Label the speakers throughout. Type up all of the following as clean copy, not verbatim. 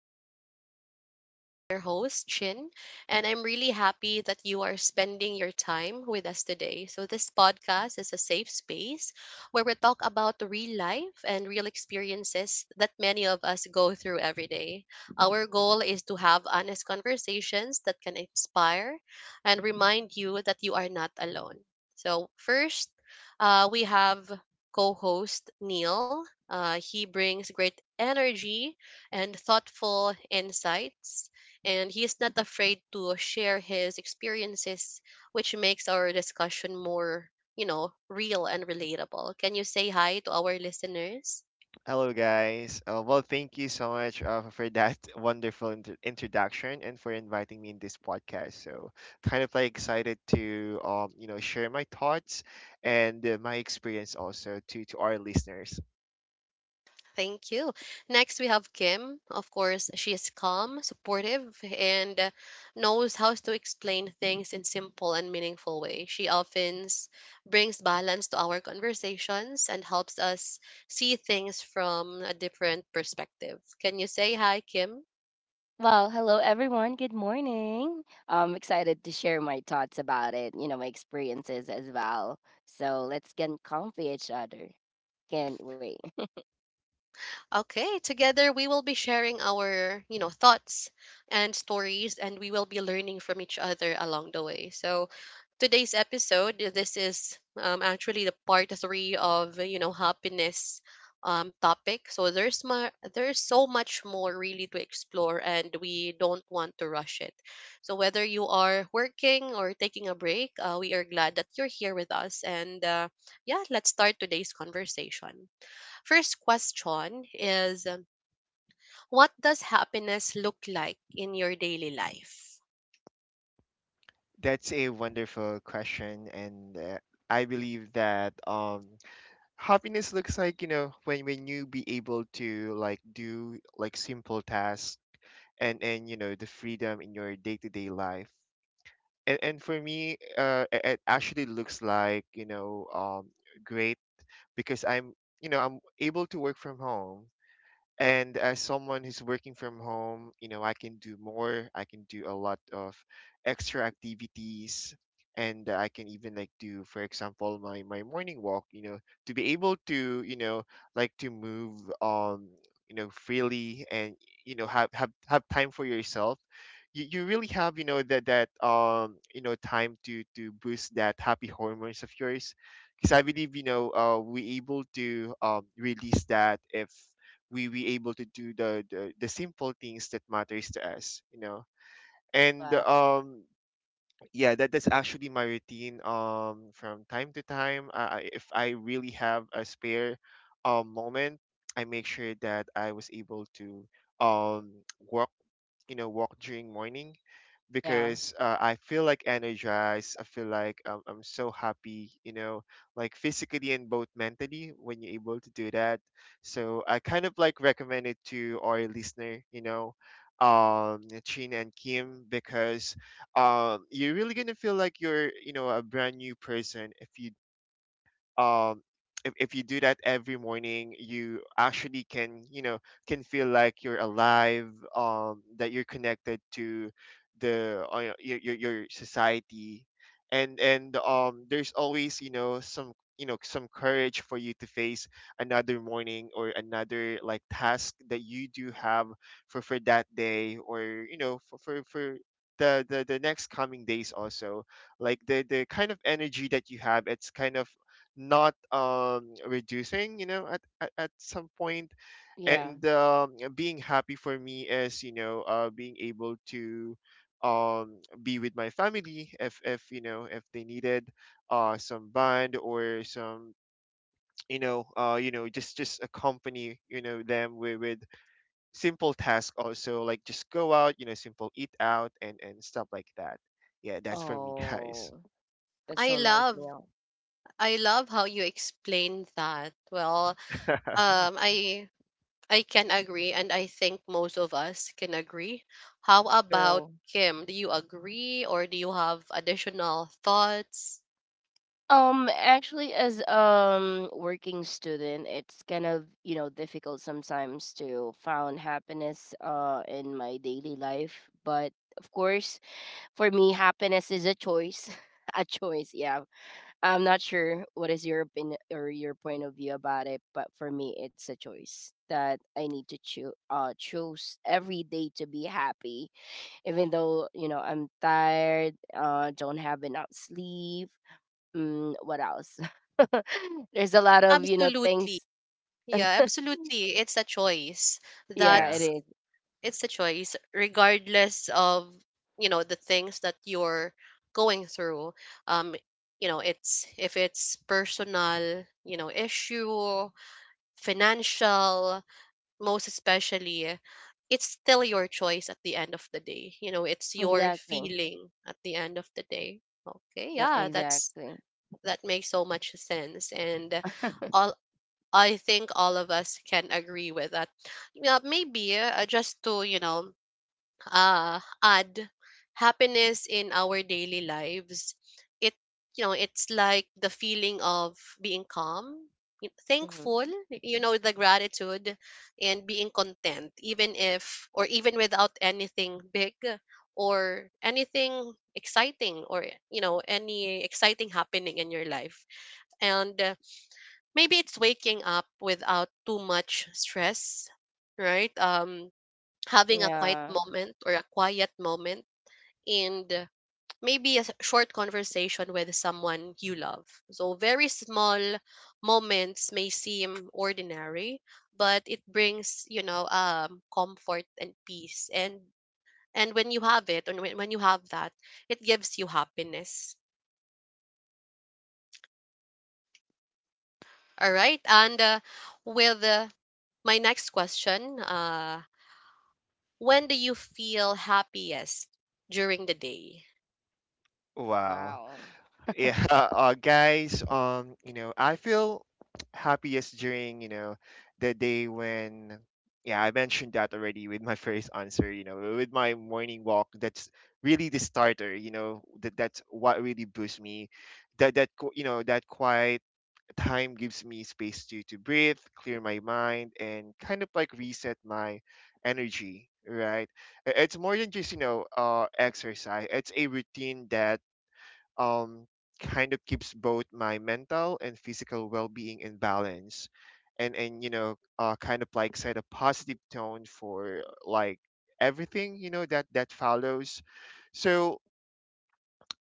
Speaker 1: back to our podcast. I'm your host, Chin, and I'm really happy that you are spending your time with us today. So, this podcast is a safe space where we talk about real life and real experiences that many of us go through every day. Our goal is to have honest conversations that can inspire and remind you that you are not alone. So, first, we have co host Neil. He brings great energy and thoughtful insights, and he is not afraid to share his experiences, which makes our discussion more, real and relatable. Can you say hi to our listeners?
Speaker 2: Hello, guys. Thank you so much for that wonderful introduction and for inviting me in this podcast. So, kind of like excited to share my thoughts and my experience also to our listeners.
Speaker 1: Thank you. Next, we have Kim. Of course, she is calm, supportive, and knows how to explain things in simple and meaningful way. Brings balance to our conversations and helps us see things from a different perspective. Can you say hi, Kim?
Speaker 3: Well, hello everyone. Good morning. I'm excited to share my thoughts about it, you know, my experiences as well. So let's get comfy each other. Can't wait.
Speaker 1: Okay, together we will be sharing our, you know, thoughts and stories and we will be learning from each other along the way. So, today's episode, this is actually the part 3 of, you know, happiness topic. So there's so much more really to explore and we don't want to rush it. So whether you are working or taking a break, we are glad that you're here with us and yeah, let's start today's conversation. First question is what does happiness look like in your daily life?
Speaker 2: That's a wonderful question, and I believe that happiness looks like when you be able to like do like simple tasks and you know the freedom in your day to day life and for me it actually looks like great because I'm you know I'm able to work from home. And as someone who's working from home, you know, I can do more. I can do a lot of extra activities. And I can even like do, for example, my morning walk, you know, to be able to, you know, like to move you know, freely and you know, have time for yourself. You really have, you know, that that you know, time to boost that happy hormones of yours because I believe we able to release that if we able to do the simple things that matters to us, you know. And
Speaker 3: Wow.
Speaker 2: Yeah, that that's actually my routine from time to time. If I really have a spare moment, I make sure that I was able to um walk, walk during morning,
Speaker 3: Yeah.
Speaker 2: because I feel like energized. I feel like I'm so happy, you know, like physically and both mentally when you're able to do that. So I kind of like recommend it to our listener, you know, Chin and Kim, because you're really gonna feel like you're, you know, a brand new person if you um if you do that every morning. You actually can, you know, can feel like you're alive, that you're connected to the your society, and there's always, you know, some courage for you to face another morning or another like task that you do have for that day, or you know for for the, the next coming days also. Like the kind of energy that you have, it's kind of not reducing, you know, at some point.
Speaker 3: Yeah.
Speaker 2: And being happy for me is, you know, being able to be with my family if you know if they needed some bond or some you know just accompany, you know, them with simple tasks, also like just go out, you know, simple eat out and stuff like that. Yeah, that's for me, guys.
Speaker 3: Oh, that's
Speaker 1: I
Speaker 3: so nice,
Speaker 1: love
Speaker 3: Neil.
Speaker 1: I love how you explained that. Well, um I I can agree and I think most of us can agree. How about
Speaker 3: True.
Speaker 1: Kim? Do you agree or do you have additional thoughts?
Speaker 3: Actually, as working student, it's kind of you know difficult sometimes to found happiness in my daily life. But of course, for me, happiness is a choice. A choice, yeah. I'm not sure what is your opinion or your point of view about it, but for me, it's a choice that I need to choose. Choose every day to be happy, even though you know I'm tired. Don't have enough sleep. Mm, what else? There's a lot of you know
Speaker 1: Absolutely.
Speaker 3: things.
Speaker 1: Yeah, absolutely. It's a choice.
Speaker 3: Yeah, it
Speaker 2: Yeah.
Speaker 1: That's
Speaker 3: is.
Speaker 1: It's a choice regardless of, you know, the things that you're going through, um you know, it's if it's personal, you know, issue, financial most especially, it's still your choice at the end of the day. You know, it's your
Speaker 3: Exactly.
Speaker 1: feeling at the end of the day. Okay, yeah,
Speaker 3: Exactly.
Speaker 1: that makes so much sense, and all I think all of us can agree with that. Yeah, maybe, just to, you know, add happiness in our daily lives, it you know, it's like the feeling of being calm,
Speaker 3: Hmm.
Speaker 1: thankful, you know, the gratitude, and being content, even if, or even without anything big or anything exciting, or you know, any exciting happening in your life. And maybe it's waking up without too much stress, right? Having a quiet
Speaker 3: Yeah.
Speaker 1: moment or a quiet moment. And maybe a short conversation with someone you love. So very small moments may seem ordinary, but it brings, you know, comfort and peace. And when you have that, it gives you happiness. All right? And with my next question, when do you feel happiest during the day?
Speaker 2: Wow.
Speaker 3: Wow.
Speaker 2: Yeah. Guys you know I feel happiest during the day when, yeah, I mentioned that already with my first answer. You know, with my morning walk, that's really the starter. You know, that that's what really boosts me. You know that quiet time gives me space to breathe, clear my mind, and kind of like reset my energy, right? It's more than just, exercise. It's a routine that um, kind of keeps both my mental and physical well-being in balance, and kind of like set a positive tone for like everything, you know, that that follows. So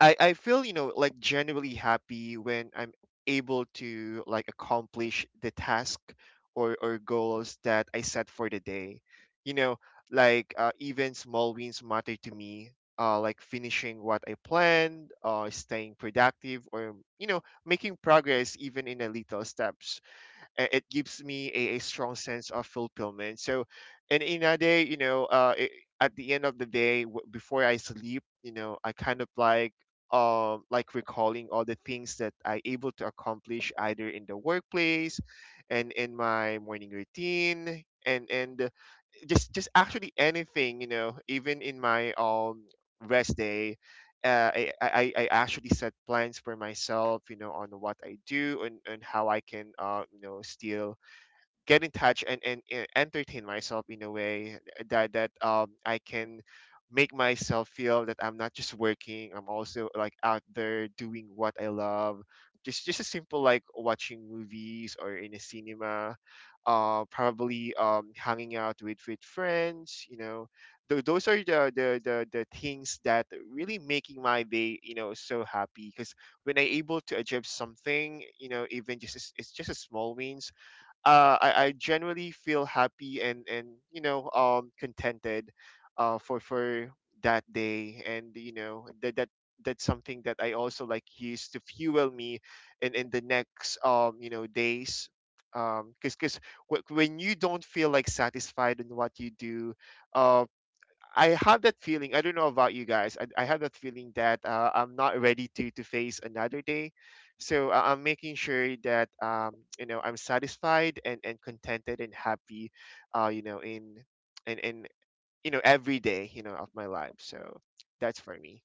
Speaker 2: I feel, you know, like genuinely happy when I'm able to like accomplish the task or goals that I set for the day. You know, like even small wins matter to me. Like finishing what I planned, staying productive, or you know, making progress even in the little steps. Uh, it gives me a strong sense of fulfillment. So and in a day you know it, at the end of the day before I sleep, you know, I kind of like recalling all the things that I able to accomplish, either in the workplace and in my morning routine, and just actually anything, you know, even in my rest day. Uh, I actually set plans for myself, you know, on what I do, and how I can, you know, still get in touch, and, and entertain myself in a way that I can make myself feel that I'm not just working. I'm also like out there doing what I love. Just a simple like watching movies or in a cinema, probably hanging out with friends. You know, those are the, the things that really making my day. You know, so happy because when I able to achieve something, you know, even just it's just a small wins. Uh, I genuinely feel happy, and contented for that day. And you know that that's something that I also like use to fuel me in the next days. Because when you don't feel like satisfied in what you do, um. I have that feeling. I don't know about you guys. I have that feeling that I'm not ready to face another day. So I'm making sure that you know I'm satisfied, and contented and happy, you know, in in you know every day you know of my life. So that's for me.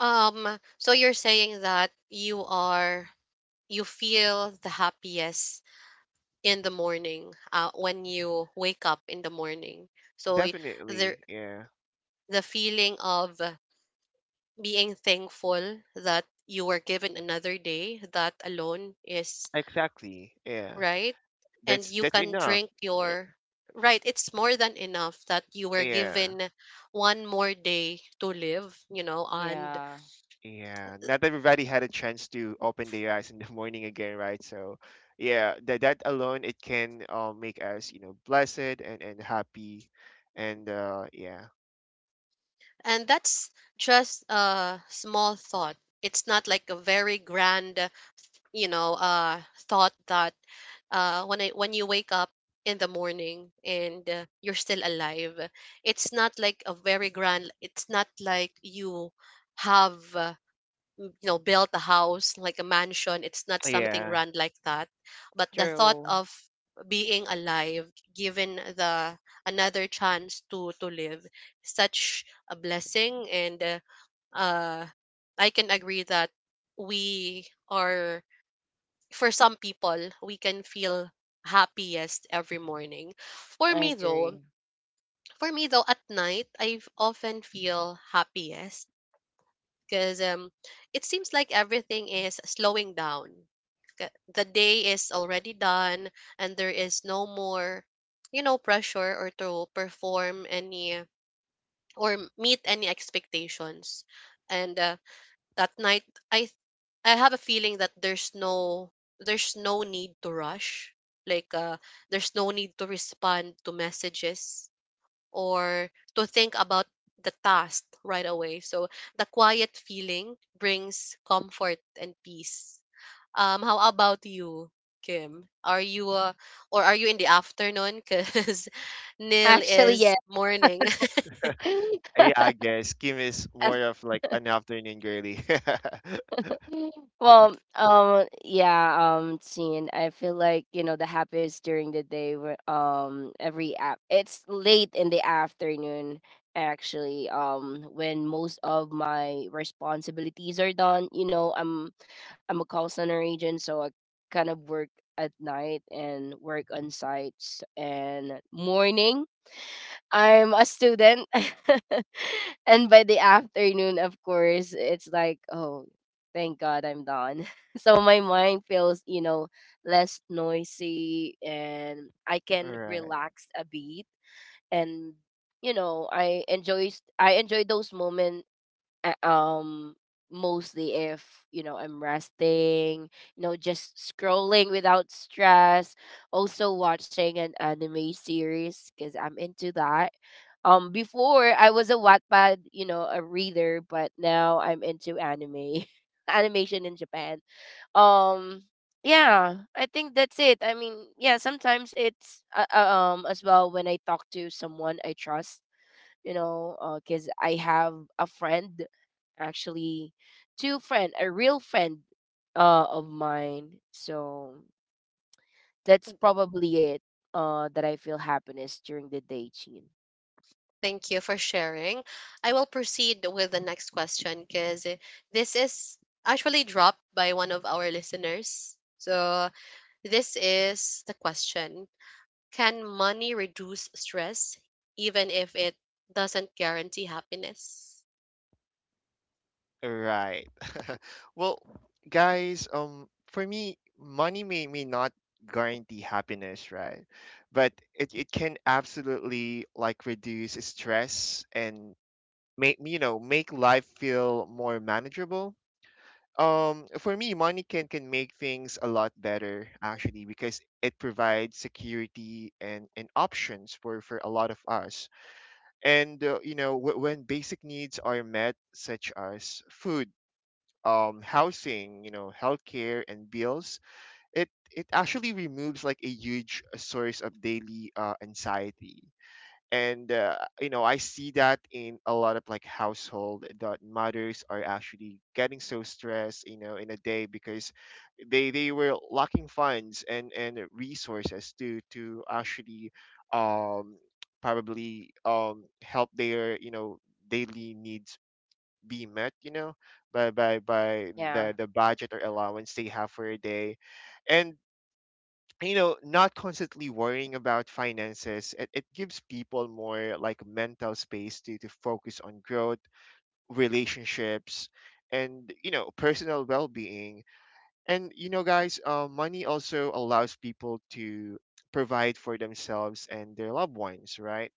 Speaker 1: So you're saying that you feel the happiest in the morning, when you wake up in the morning. So the
Speaker 2: Definitely, yeah.
Speaker 1: the feeling of being thankful that you were given another day, that alone is
Speaker 2: Exactly, yeah.
Speaker 1: right, and you
Speaker 2: That's
Speaker 1: can
Speaker 2: enough.
Speaker 1: drink
Speaker 2: Uh,
Speaker 1: your right. It's more than enough that you were
Speaker 2: Yeah.
Speaker 1: given one more day to live, you know. and
Speaker 3: Yeah.
Speaker 2: Yeah, not everybody had a chance to open their eyes in the morning again, right? So, yeah, that that alone it can, make us, you know, blessed and happy, and yeah.
Speaker 1: And that's just a small thought. It's not like a very grand, you know, thought that when you wake up in the morning and you're still alive, it's not like a very grand. It's not like you have, you know, build a house like a mansion. It's not something
Speaker 2: Yeah,
Speaker 1: grand like that, but the thought
Speaker 3: True.
Speaker 1: of being alive, given the another chance to live, such a blessing. And uh I can agree that we are for some people we can feel happiest every morning. for
Speaker 3: I
Speaker 1: me though
Speaker 3: agree.
Speaker 1: for me though, at night I often feel happiest because it seems like everything is slowing down. The day is already done, and there is no more, you know, pressure, or to perform any or meet any expectations. And that night, I th- I have a feeling that there's no need to rush. Like, there's no need to respond to messages or to think about the task right away. So the quiet feeling brings comfort and peace. How about you, Kim? Are you, or are you in the afternoon? Because Neil
Speaker 3: Actually, yeah.
Speaker 1: is morning.
Speaker 2: yeah. I guess Kim is more of like an afternoon girly.
Speaker 3: Well, yeah, Tin, I feel like, you know, the happiest during the day, every app, it's late in the afternoon, actually, when most of my responsibilities are done. You know, I'm a call center agent, so I kind of work at night and work on sites and morning. I'm a student. And by the afternoon, of course, it's like, oh, thank God I'm done. So my mind feels, you know, less noisy and I can
Speaker 2: Right,
Speaker 3: relax a bit. And, you know, I enjoy those moments uh, um mostly if you know I'm resting, you know, just scrolling without stress, also watching an anime series because I'm into that. Before I was a Wattpad, you know, a reader, but now I'm into anime animation in Japan. um yeah, I think that's it. I mean, yeah, sometimes it's as well when I talk to someone I trust, you know, because I have a friend, actually, two friend, a real friend of mine. So that's probably it, that I feel happiness during the day, Chin.
Speaker 1: Thank you for sharing. I will proceed with the next question because this is actually dropped by one of our listeners. So this is the question. Can money reduce stress even if it doesn't guarantee happiness?
Speaker 2: right. Well, guys, for me, money may not guarantee happiness, right? But it can absolutely like reduce stress and make, you know, make life feel more manageable. For me, money can make things a lot better, actually, because it provides security and options for a lot of us. And you know when basic needs are met, such as food, housing, you know, healthcare, and bills, it actually removes like a huge source of daily anxiety. And you know I see that in a lot of like household that mothers are actually getting so stressed, you know, in a day, because they were lacking funds and resources to actually um probably help their, you know, daily needs be met, you know, by
Speaker 3: Yeah,
Speaker 2: the budget or allowance they have for a day. And you know not constantly worrying about finances, it gives people more like mental space to focus on growth, relationships, and you know personal well-being. And you know, guys, money also allows people to provide for themselves and their loved ones, right?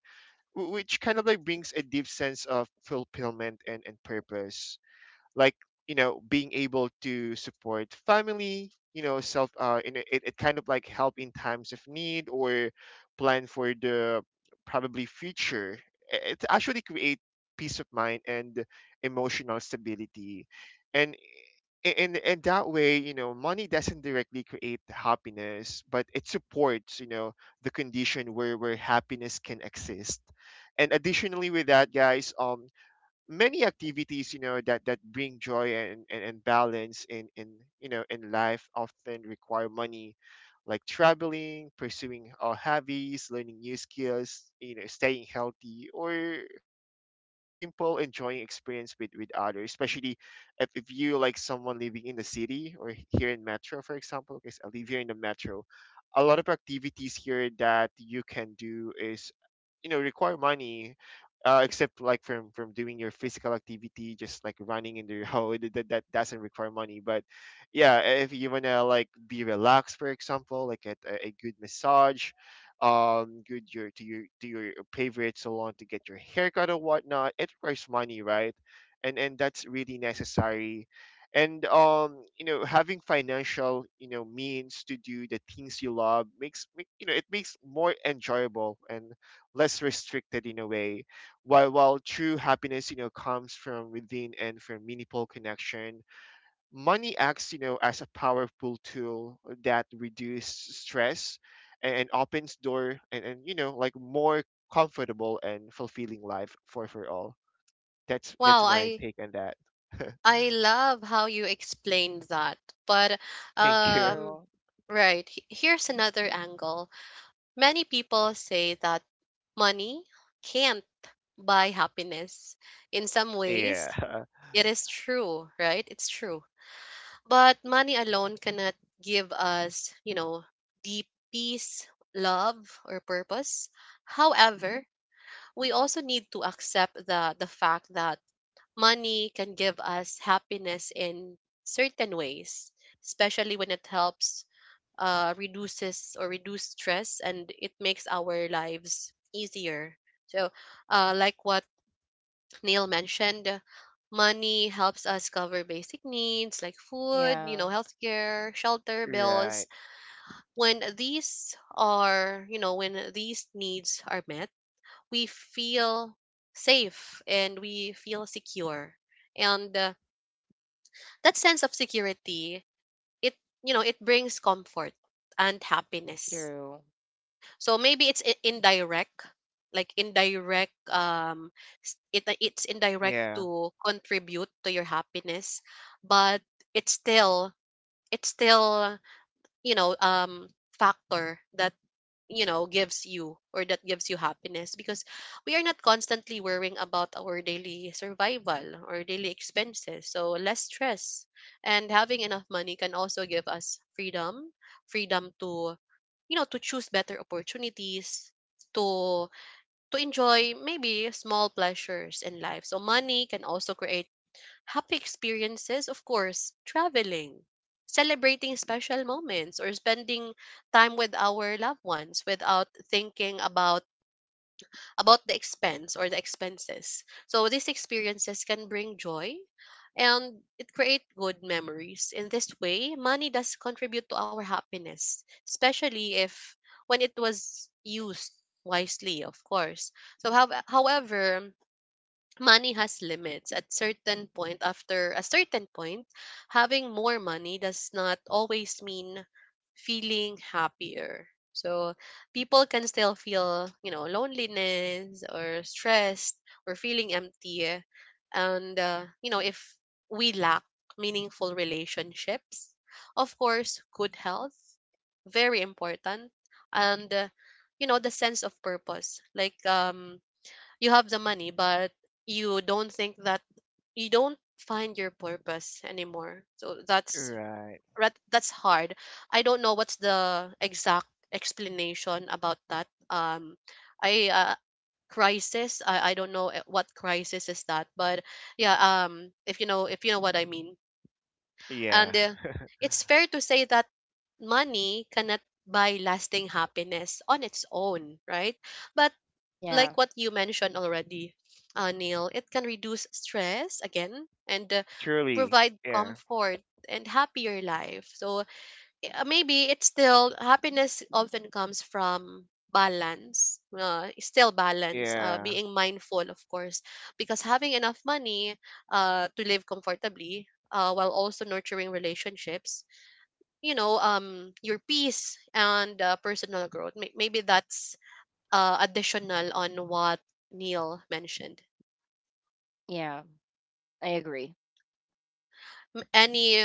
Speaker 2: Which kind of like brings a deep sense of fulfillment and purpose. Like, you know, being able to support family, you know, self, it, it kind of like help in times of need, or plan for the probably future. It actually create peace of mind and emotional stability. And in that way, you know, money doesn't directly create happiness, but it supports, you know, the condition where happiness can exist. And additionally with that, guys, many activities, you know, that that bring joy, and and balance in you know in life, often require money. Like traveling, pursuing our hobbies, learning new skills, you know, staying healthy, or even, you know, simple enjoying experience with others, especially if you like someone living in the city or here in metro, for example, because I live here in the metro. A lot of activities here that you can do is, you know, require money. Uh, except like from doing your physical activity, just like running in the road. That, that doesn't require money. But yeah, if you want to like be relaxed, for example, like at a good massage, good your to your favorite salon to get your haircut or whatnot, it requires money, right? And that's really necessary. And you know having financial, you know, means to do the things you love makes you know it makes more enjoyable and less restricted in a way. While true happiness, you know, comes from within and from meaningful connection, money acts, you know, as a powerful tool that reduces stress and opens door, and you know, like more comfortable and fulfilling life for all.
Speaker 1: Wow,
Speaker 2: That's my take on that.
Speaker 1: I love how you explained that. But
Speaker 2: Thank you.
Speaker 1: um
Speaker 3: true.
Speaker 1: right, here's another angle. Many people say that money can't buy happiness. In some ways,
Speaker 2: Yeah.
Speaker 1: it is true, right? It's true. But money alone cannot give us, you know, deep peace, love, or purpose. However, we also need to accept the fact that money can give us happiness in certain ways, especially when it helps, reduces or reduce stress and it makes our lives easier. So, like what Neil mentioned, money helps us cover basic needs like food, you know,
Speaker 3: Yeah,
Speaker 1: healthcare, shelter bills.
Speaker 2: Right.
Speaker 1: When these are, you know, when these needs are met, we feel safe and we feel secure. And that sense of security, it, you know, it brings comfort and happiness.
Speaker 3: true.
Speaker 1: So maybe it's indirect, like indirect. It it's indirect
Speaker 2: Yeah.
Speaker 1: to contribute to your happiness, but it's still it's still, you know, factor that, you know, gives you happiness, because we are not constantly worrying about our daily survival or daily expenses, so less stress. And having enough money can also give us freedom, freedom to, you know, to choose better opportunities, to to enjoy maybe small pleasures in life. So money can also create happy experiences, of course, traveling, celebrating special moments, or spending time with our loved ones without thinking about the expense or the expenses. So these experiences can bring joy and it create good memories. In this way, money does contribute to our happiness, especially if when it was used wisely, of course. So however, money has limits at certain point. After a certain point, having more money does not always mean feeling happier. So people can still feel, you know, loneliness, or stressed, or feeling empty. And you know, if we lack meaningful relationships, of course good health, very important. And you know, the sense of purpose, like, you have the money but you don't think that you don't find your purpose anymore. So
Speaker 2: Right.
Speaker 1: that's hard. I don't know what's the exact explanation about that. I Crisis, I don't know, what crisis is that, but yeah, if you know, if you know what I mean.
Speaker 2: Yeah.
Speaker 1: And it's fair to say that money cannot buy lasting happiness on its own, right? But like
Speaker 3: Yeah,
Speaker 1: what you mentioned already, Neil, it can reduce stress again, and
Speaker 2: Truly.
Speaker 1: provide
Speaker 2: Yeah.
Speaker 1: comfort and happier life. So maybe it's still happiness often comes from balance, still balance,
Speaker 2: Yeah.
Speaker 1: being mindful, of course, because having enough money, to live comfortably. While also nurturing relationships, you know, your peace, and personal growth. Maybe that's additional on what Neil mentioned.
Speaker 3: yeah, I agree.
Speaker 1: Any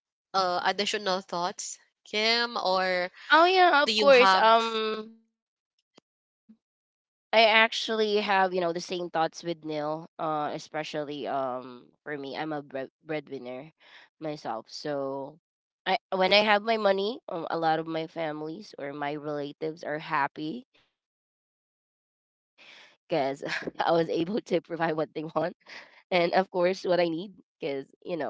Speaker 1: additional thoughts, Kim, or
Speaker 3: Oh yeah,
Speaker 1: do
Speaker 3: of
Speaker 1: you
Speaker 3: course.
Speaker 1: have?
Speaker 3: I actually have, you know, the same thoughts with Neil, especially for me. I'm a breadwinner myself. So I when I have my money, a lot of my families or my relatives are happy because I was able to provide what they want and of course what I need because you know um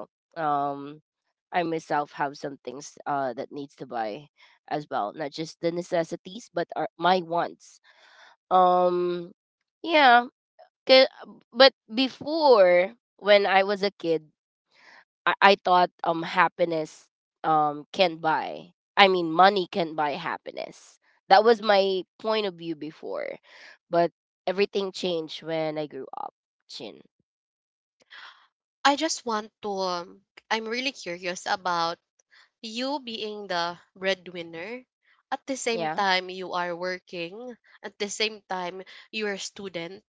Speaker 3: I myself have some things that needs to buy as well, not just the necessities but our my wants. um, yeah, 'ca- but before when I was a kid, I thought happiness can buy. I mean, money can buy happiness. That was my point of view before, but everything changed when I grew up. Chin,
Speaker 1: I just want to. I'm really curious about you being the breadwinner. At the same
Speaker 3: yeah,
Speaker 1: time, you are working. At the same time, you are a student.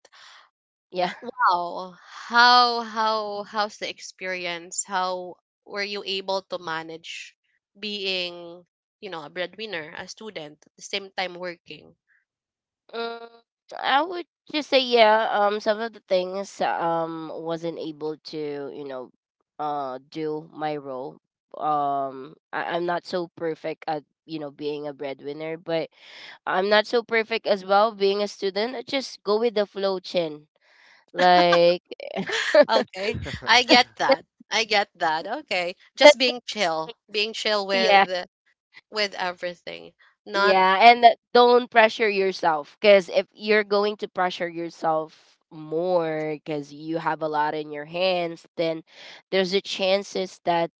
Speaker 3: yeah.
Speaker 1: How How's the experience? How were you able to manage being, you know, a breadwinner, a student, at the same time working?
Speaker 3: Mm, I would just say yeah. Some of the things wasn't able to you know, do my role. I'm not so perfect at you know being a breadwinner, but I'm not so perfect as well being a student. I just go with the flow, chin. Like
Speaker 1: Okay, I get
Speaker 3: that,
Speaker 1: that. I get that. Okay, just
Speaker 3: that's
Speaker 1: being chill with everything. Not
Speaker 3: Yeah, and don't pressure yourself, because if you're going to pressure yourself more because you have a lot in your hands, then there's a chances that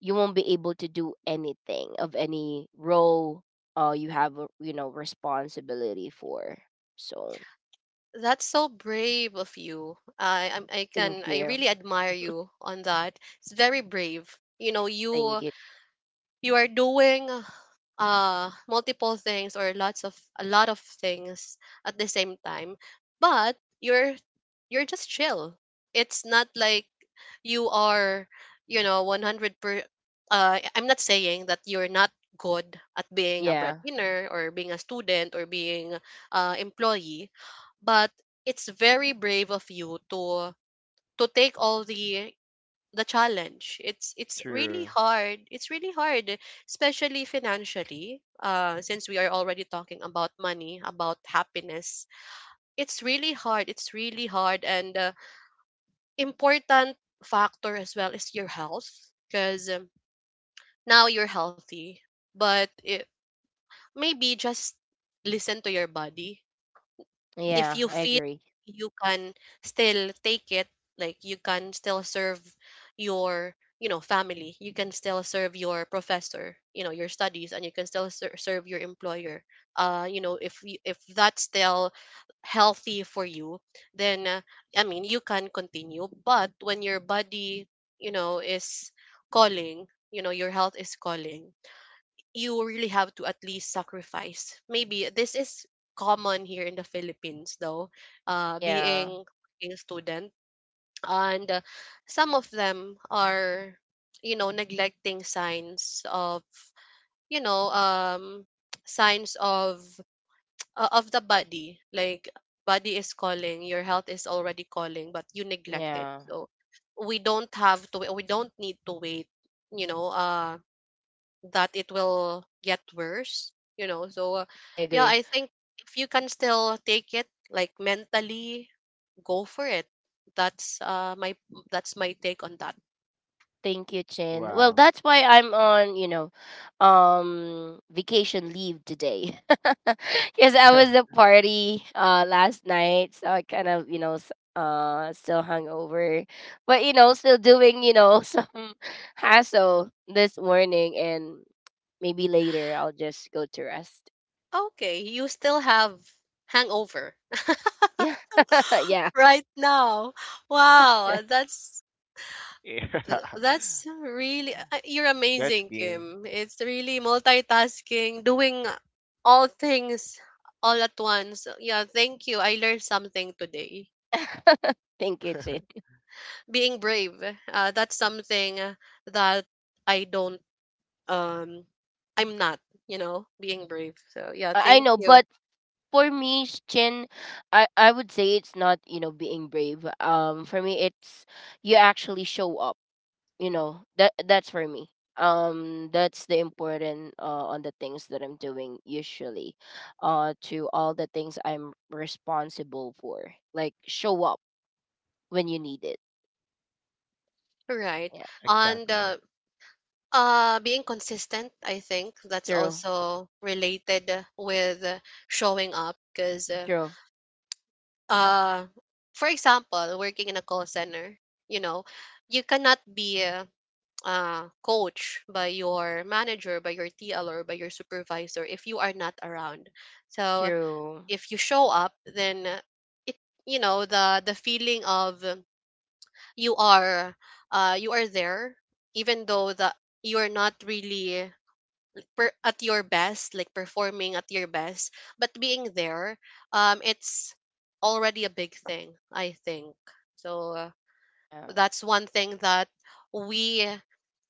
Speaker 3: you won't be able to do anything of any role you have a, you know, responsibility for. So
Speaker 1: That's so brave of you. I
Speaker 3: thank
Speaker 1: can, I
Speaker 3: you,
Speaker 1: really admire you on that. It's very brave. You know, you
Speaker 3: thank you.
Speaker 1: you are doing multiple things or lots of a lot of things at the same time, but you're just chill. It's not like you are, 100 per I'm not saying that you're not good at being a
Speaker 3: Yeah,
Speaker 1: breadwinner or being a student or being employee, but it's very brave of you to take all the challenge. It's really
Speaker 2: True.
Speaker 1: hard. It's really hard, especially financially, since we are already talking about money, about happiness. It's really hard, it's really hard, and important factor as well is your health, because now you're healthy, but, maybe just listen to your body. If
Speaker 3: yeah,
Speaker 1: you
Speaker 3: I
Speaker 1: feel
Speaker 3: agree.
Speaker 1: you can still take it, like you can still serve your, family, you can still serve your professor, your studies, and you can still serve your employer. You know, if if that's still healthy for you, then, I mean, you can continue. But when your body, is calling, your health is calling, you really have to at least sacrifice. Maybe this is common here in the Philippines, though,
Speaker 3: Yeah,
Speaker 1: being a student. And some of them are, neglecting signs of, you know, um, signs of the body. Like, body is calling, your health is already calling, but you neglect it.
Speaker 3: yeah,
Speaker 1: So we don't have to. We don't need to wait. You know, uh, that it will get worse, so.
Speaker 3: I
Speaker 1: Yeah,
Speaker 3: agree.
Speaker 1: I think if you can still take it, like mentally, go for it. that's uh my that's my take on that.
Speaker 3: Thank you, Chin. Well,
Speaker 2: Wow.
Speaker 3: that's why I'm on, you know, vacation leave today. Because I
Speaker 2: yeah.
Speaker 3: was at party last night, so I kind of, you know, still hungover, but you know, still doing, you know, some hassle this morning, and maybe later I'll just go to rest.
Speaker 1: Okay, you still have hangover
Speaker 3: Yeah, yeah.
Speaker 1: right now. Wow, that's really, you're
Speaker 2: That's
Speaker 1: amazing,
Speaker 2: game.
Speaker 1: Kim. It's really multitasking, doing all things all at once. Yeah, thank you, I learned something today.
Speaker 3: Thank you, Chin.
Speaker 1: Being brave, that's something, that i don't um I'm not, being brave. So yeah,
Speaker 3: I
Speaker 1: thank
Speaker 3: know,
Speaker 1: you.
Speaker 3: but for me, Chin, I would say it's not, you know, being brave. For me, it's you actually show up. You know that that's for me. That's the important on the things that I'm doing usually, to all the things I'm responsible for. Like show up when you need it.
Speaker 1: Right.
Speaker 3: Yeah,
Speaker 1: And,
Speaker 2: Exactly.
Speaker 1: being consistent, I think that's
Speaker 3: true,
Speaker 1: also related with, showing up, because,
Speaker 3: true,
Speaker 1: uh for example, working in a call center, you know, you cannot be coach by your manager, by your TL, or by your supervisor if you are not around. So
Speaker 3: true.
Speaker 1: if you show up, then, it you know the feeling of, you are, you are there. Even though the you're not really at your best, like performing at your best, but being there, it's already a big thing, I think. So,
Speaker 3: Yeah.
Speaker 1: that's one thing that we,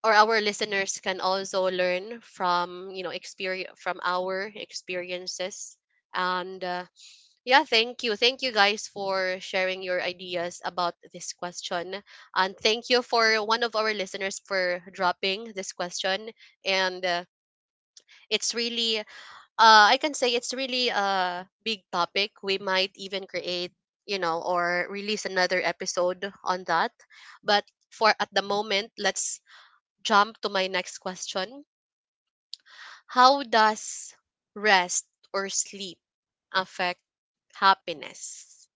Speaker 1: or our listeners, can also learn from, experience from our experiences. And, yeah, thank you. Thank you, guys, for sharing your ideas about this question. And thank you for one of our listeners for dropping this question. And, it's really, I can say it's really a big topic. We might even create, or release another episode on that. But for at the moment, let's jump to my next question. How does rest or sleep affect happiness?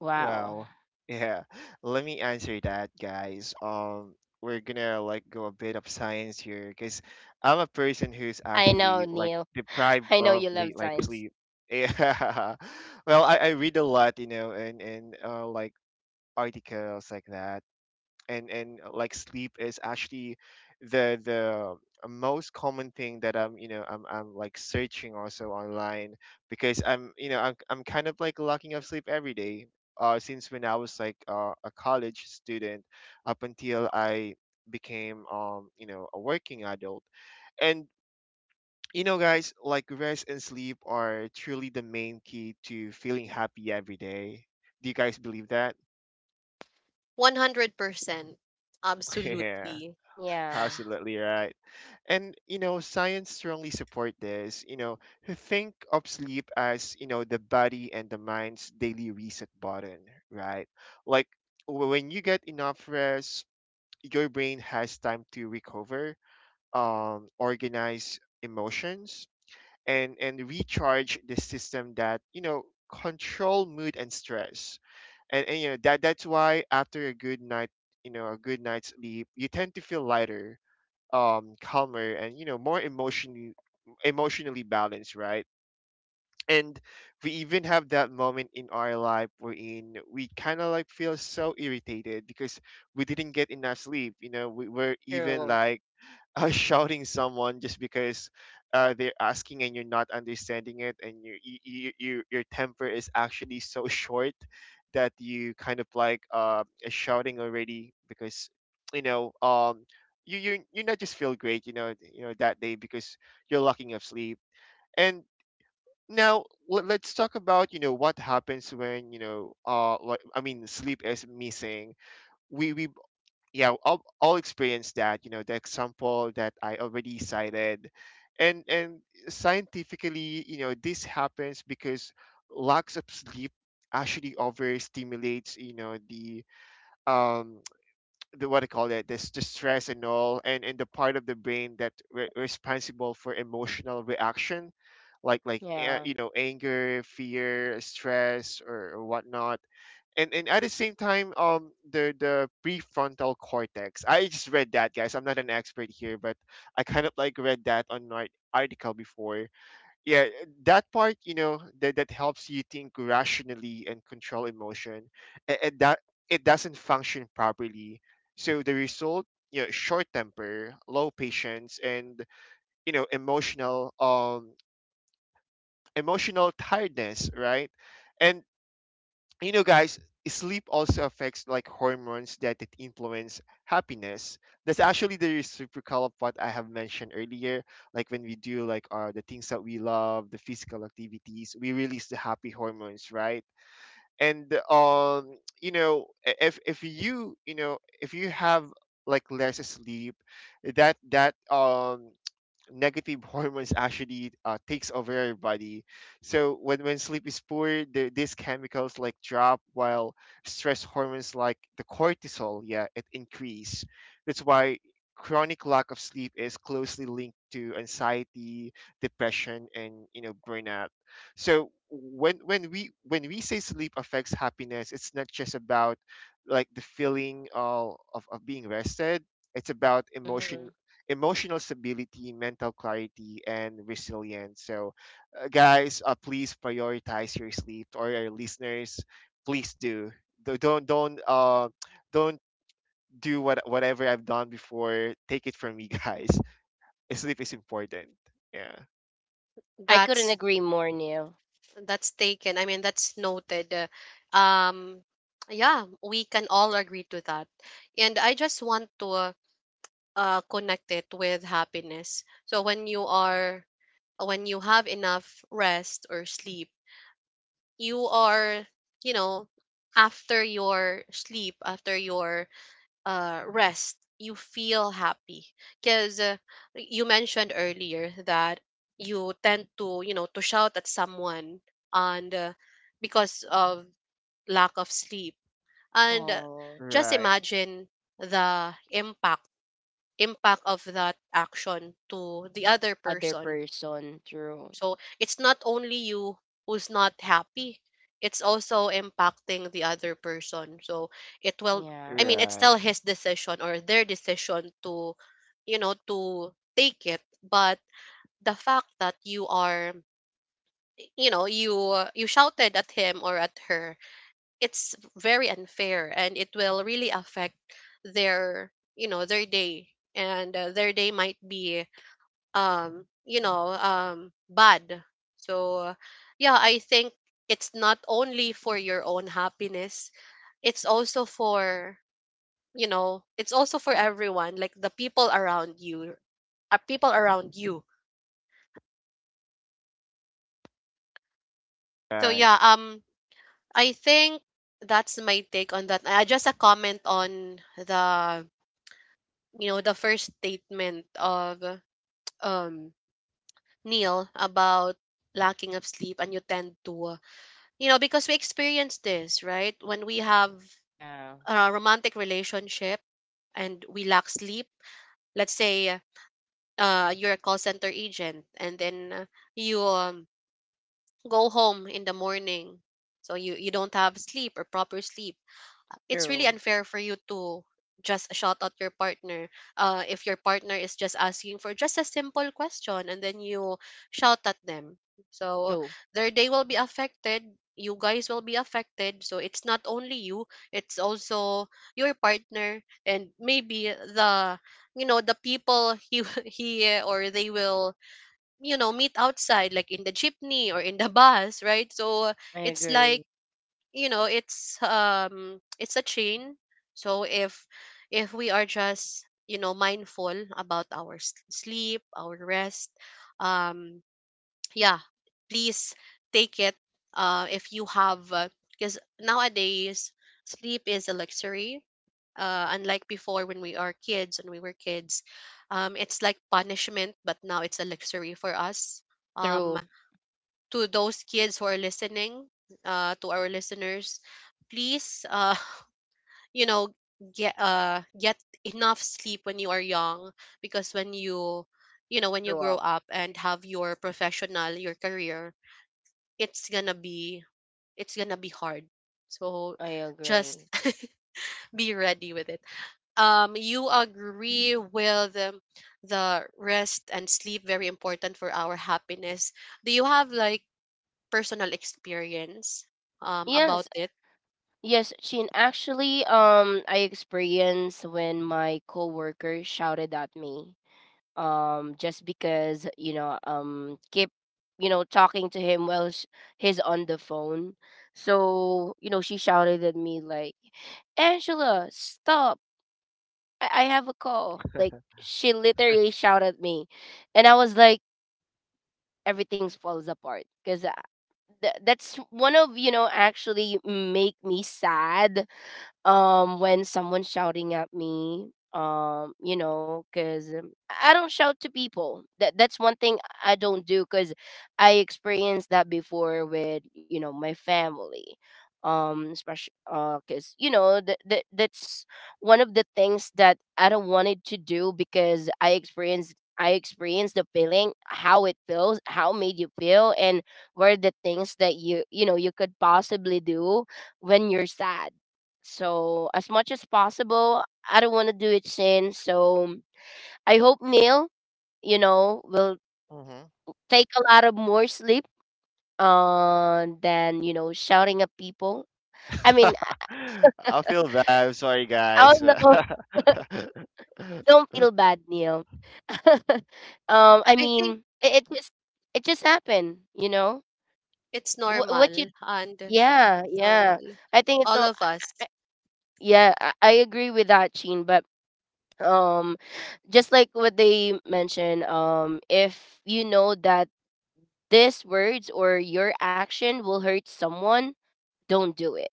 Speaker 3: Wow.
Speaker 2: Well, yeah. Let me answer that, guys. We're gonna go a bit of science here, because I'm a person who's
Speaker 3: I know,
Speaker 2: actually like
Speaker 3: Neil.
Speaker 2: deprived
Speaker 3: I know
Speaker 2: of
Speaker 3: you love
Speaker 2: late like
Speaker 3: science.
Speaker 2: sleep. Yeah. Well, I read a lot, you know, and like articles like that. And like sleep is actually the most common thing that I'm you know I'm like searching also online because I'm you know I'm kind of like lacking of sleep every day. Since when I was like a college student up until I became you know a working adult, and you know, guys, like rest and sleep are truly the main key to feeling happy every day. Do you guys believe that?
Speaker 1: 100%.
Speaker 2: Yeah,
Speaker 1: Absolutely.
Speaker 3: Yeah.
Speaker 2: absolutely right. And you know, science strongly support this. You know, think of sleep as you know the body and the mind's daily reset button, right? Like when you get enough rest, your brain has time to recover, organize emotions, and recharge the system that you know control mood and stress. And you know that that's why after you know, a good night's sleep, you tend to feel lighter, calmer, and you know more emotionally balanced, right? And we even have that moment in our life wherein we kind of like feel so irritated because we didn't get enough sleep, you know. We were even
Speaker 3: True.
Speaker 2: like shouting someone just because they're asking and you're not understanding it, and your temper is actually so short that you kind of like shouting already because you know, you, you not just feel great, you know. You know that day because you're lacking of sleep. And now, let's talk about you know what happens when you know I mean sleep is missing. We Yeah, experience that, you know, the example that I already cited. And Scientifically, you know, this happens because lack of sleep actually overstimulates you know the um the what I call it this the stress and all, and the part of the brain that responsible for emotional reaction, like
Speaker 3: Yeah.
Speaker 2: you know anger, fear, stress, or whatnot. And at the same time, the prefrontal cortex, I just read that, guys, I'm not an expert here, but I kind of like read that on an article before. Yeah, that part, you know, that helps you think rationally and control emotion, and that it doesn't function properly. So the result, you know, short temper, low patience, and you know emotional, emotional tiredness, right? And you know, guys, sleep also affects like hormones that it influence happiness. That's actually the reciprocal of what I have mentioned earlier. Like when we do like the things that we love, the physical activities, we release the happy hormones, right? And you know, if if you you know if you have like less sleep, that that negative hormones actually takes over your body. So when sleep is poor, these chemicals like drop, while stress hormones like the cortisol, yeah, it increase. That's why chronic lack of sleep is closely linked to anxiety, depression, and you know burnout. So when we say sleep affects happiness, it's not just about like the feeling of, of being rested. It's about
Speaker 3: Hmm.
Speaker 2: emotional stability, mental clarity, and resilience. So, guys, please prioritize your sleep, or your listeners, please do. Don't don't do whatever I've done before. Take it from me, guys. Sleep is important. Yeah.
Speaker 3: I couldn't
Speaker 1: That's
Speaker 3: agree more, Neil.
Speaker 1: taken. I mean, that's noted. Um yeah, we can all agree to that. And I just want to connect it with happiness. So when you have enough rest or sleep, you are, you know, after your sleep, after your rest, you feel happy, because, you mentioned earlier that you tend to, to shout at someone, and, because of lack of sleep. And,
Speaker 3: Oh,
Speaker 1: just
Speaker 2: Right.
Speaker 1: imagine the impact of that action to the other
Speaker 3: other
Speaker 1: person.
Speaker 3: person. True.
Speaker 1: So it's not only you who's not happy, it's also impacting the other person. It will, I
Speaker 3: Yeah.
Speaker 1: mean, it's
Speaker 2: Right.
Speaker 1: still his decision or their decision to take it. But the fact that you are, you shouted at him or at her, it's very unfair, and it will really affect their day, and, their day might be, bad. So yeah, I think it's not only for your own happiness, it's also for everyone, like the people around you, people around you. So
Speaker 2: Right.
Speaker 1: yeah, I think that's my take on that. Just a comment on the you know the first statement of, um Neil, about lacking of sleep, and you tend to, because we experience this, right? When we have
Speaker 3: Yeah.
Speaker 1: a romantic relationship and we lack sleep. Let's say you're a call center agent, and then, you, go home in the morning. So you don't have sleep or proper sleep. It's really
Speaker 3: True.
Speaker 1: unfair for you to just shout out your partner, if your partner is just asking for just a simple question, and then you shout at them. So
Speaker 3: True.
Speaker 1: their day will be affected, you guys will be affected, so it's not only you, it's also your partner, and maybe the you know the people he he or they will, meet outside, like in the jeepney or in the bus, right? So
Speaker 3: I
Speaker 1: it's like
Speaker 3: agree.
Speaker 1: you know it's um it's a chain. So if we are just, mindful about our sleep, our rest. um yeah, please take it, if you have. Because nowadays, sleep is a luxury. Unlike before, when we are kids when we were kids, it's like punishment, but now it's a luxury for us. um
Speaker 3: True.
Speaker 1: to those kids who are listening, to our listeners, please, you know, get, get enough sleep when you are young, because when you
Speaker 3: Grew
Speaker 1: grow
Speaker 3: up.
Speaker 1: up and have your professional, your career, it's gonna be it's gonna be hard. So
Speaker 3: I
Speaker 1: just
Speaker 3: agree.
Speaker 1: be ready with it. You agree with, the rest and sleep very important for our happiness. Do you have like personal experience, about
Speaker 3: Yes.
Speaker 1: it?
Speaker 3: Yes, Shin. Actually, I experienced when my coworker shouted at me, just because you know, keep, you know, talking to him while he's on the phone. So you know, she shouted at me like, Angela, stop. I have a call. Like she literally shouted at me, and I was like, everything falls apart because that's one of you know actually make me sad when someone's shouting at me, you know, because I don't shout to people. That's one thing I don't do because I experienced that before with you know my family, especially because you know that's one of the things that I don't wanted to do, because I experienced the feeling, how it feels, how it made you feel, and what are the things that you know you could possibly do when you're sad. So as much as possible, I don't want to do it sin. So I hope Neil, you know, will
Speaker 2: Mm-hmm.
Speaker 3: take a lot of more sleep than, you know, shouting at people. I mean,
Speaker 2: I feel bad. I'm sorry,
Speaker 3: I
Speaker 2: guys.
Speaker 3: don't know. Don't feel bad, Neil. I
Speaker 1: I think
Speaker 3: mean, it just happened, you know.
Speaker 1: it's
Speaker 3: What you?
Speaker 1: normal and
Speaker 3: Yeah,
Speaker 1: it's
Speaker 3: yeah.
Speaker 1: normal.
Speaker 3: I think it's
Speaker 1: All
Speaker 3: not.
Speaker 1: of us,
Speaker 3: Yeah, I agree with that, Sheen. But um, just like what they mentioned, if you know that these words or your action will hurt someone, don't do it.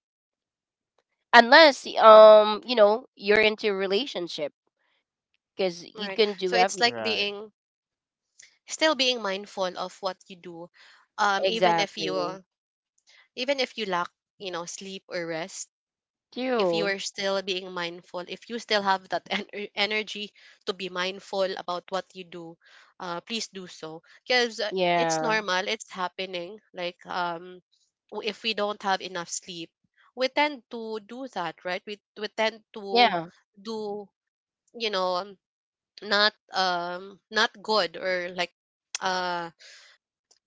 Speaker 3: Unless you know, you're into a relationship because
Speaker 1: right?
Speaker 3: you can
Speaker 1: So
Speaker 3: do
Speaker 1: it's like
Speaker 3: everything.
Speaker 2: Right.
Speaker 1: being mindful of what you do, even if
Speaker 3: Exactly.
Speaker 1: you, lack, sleep or rest. If you are
Speaker 3: True.
Speaker 1: still being mindful, if you still have that energy to be mindful about what you do, please do so. Because it's
Speaker 3: Yeah.
Speaker 1: normal, it's happening. Like, if we don't have enough sleep, we tend to do that, right? We tend to
Speaker 3: Yeah.
Speaker 1: do, you know, um, not good, or like uh,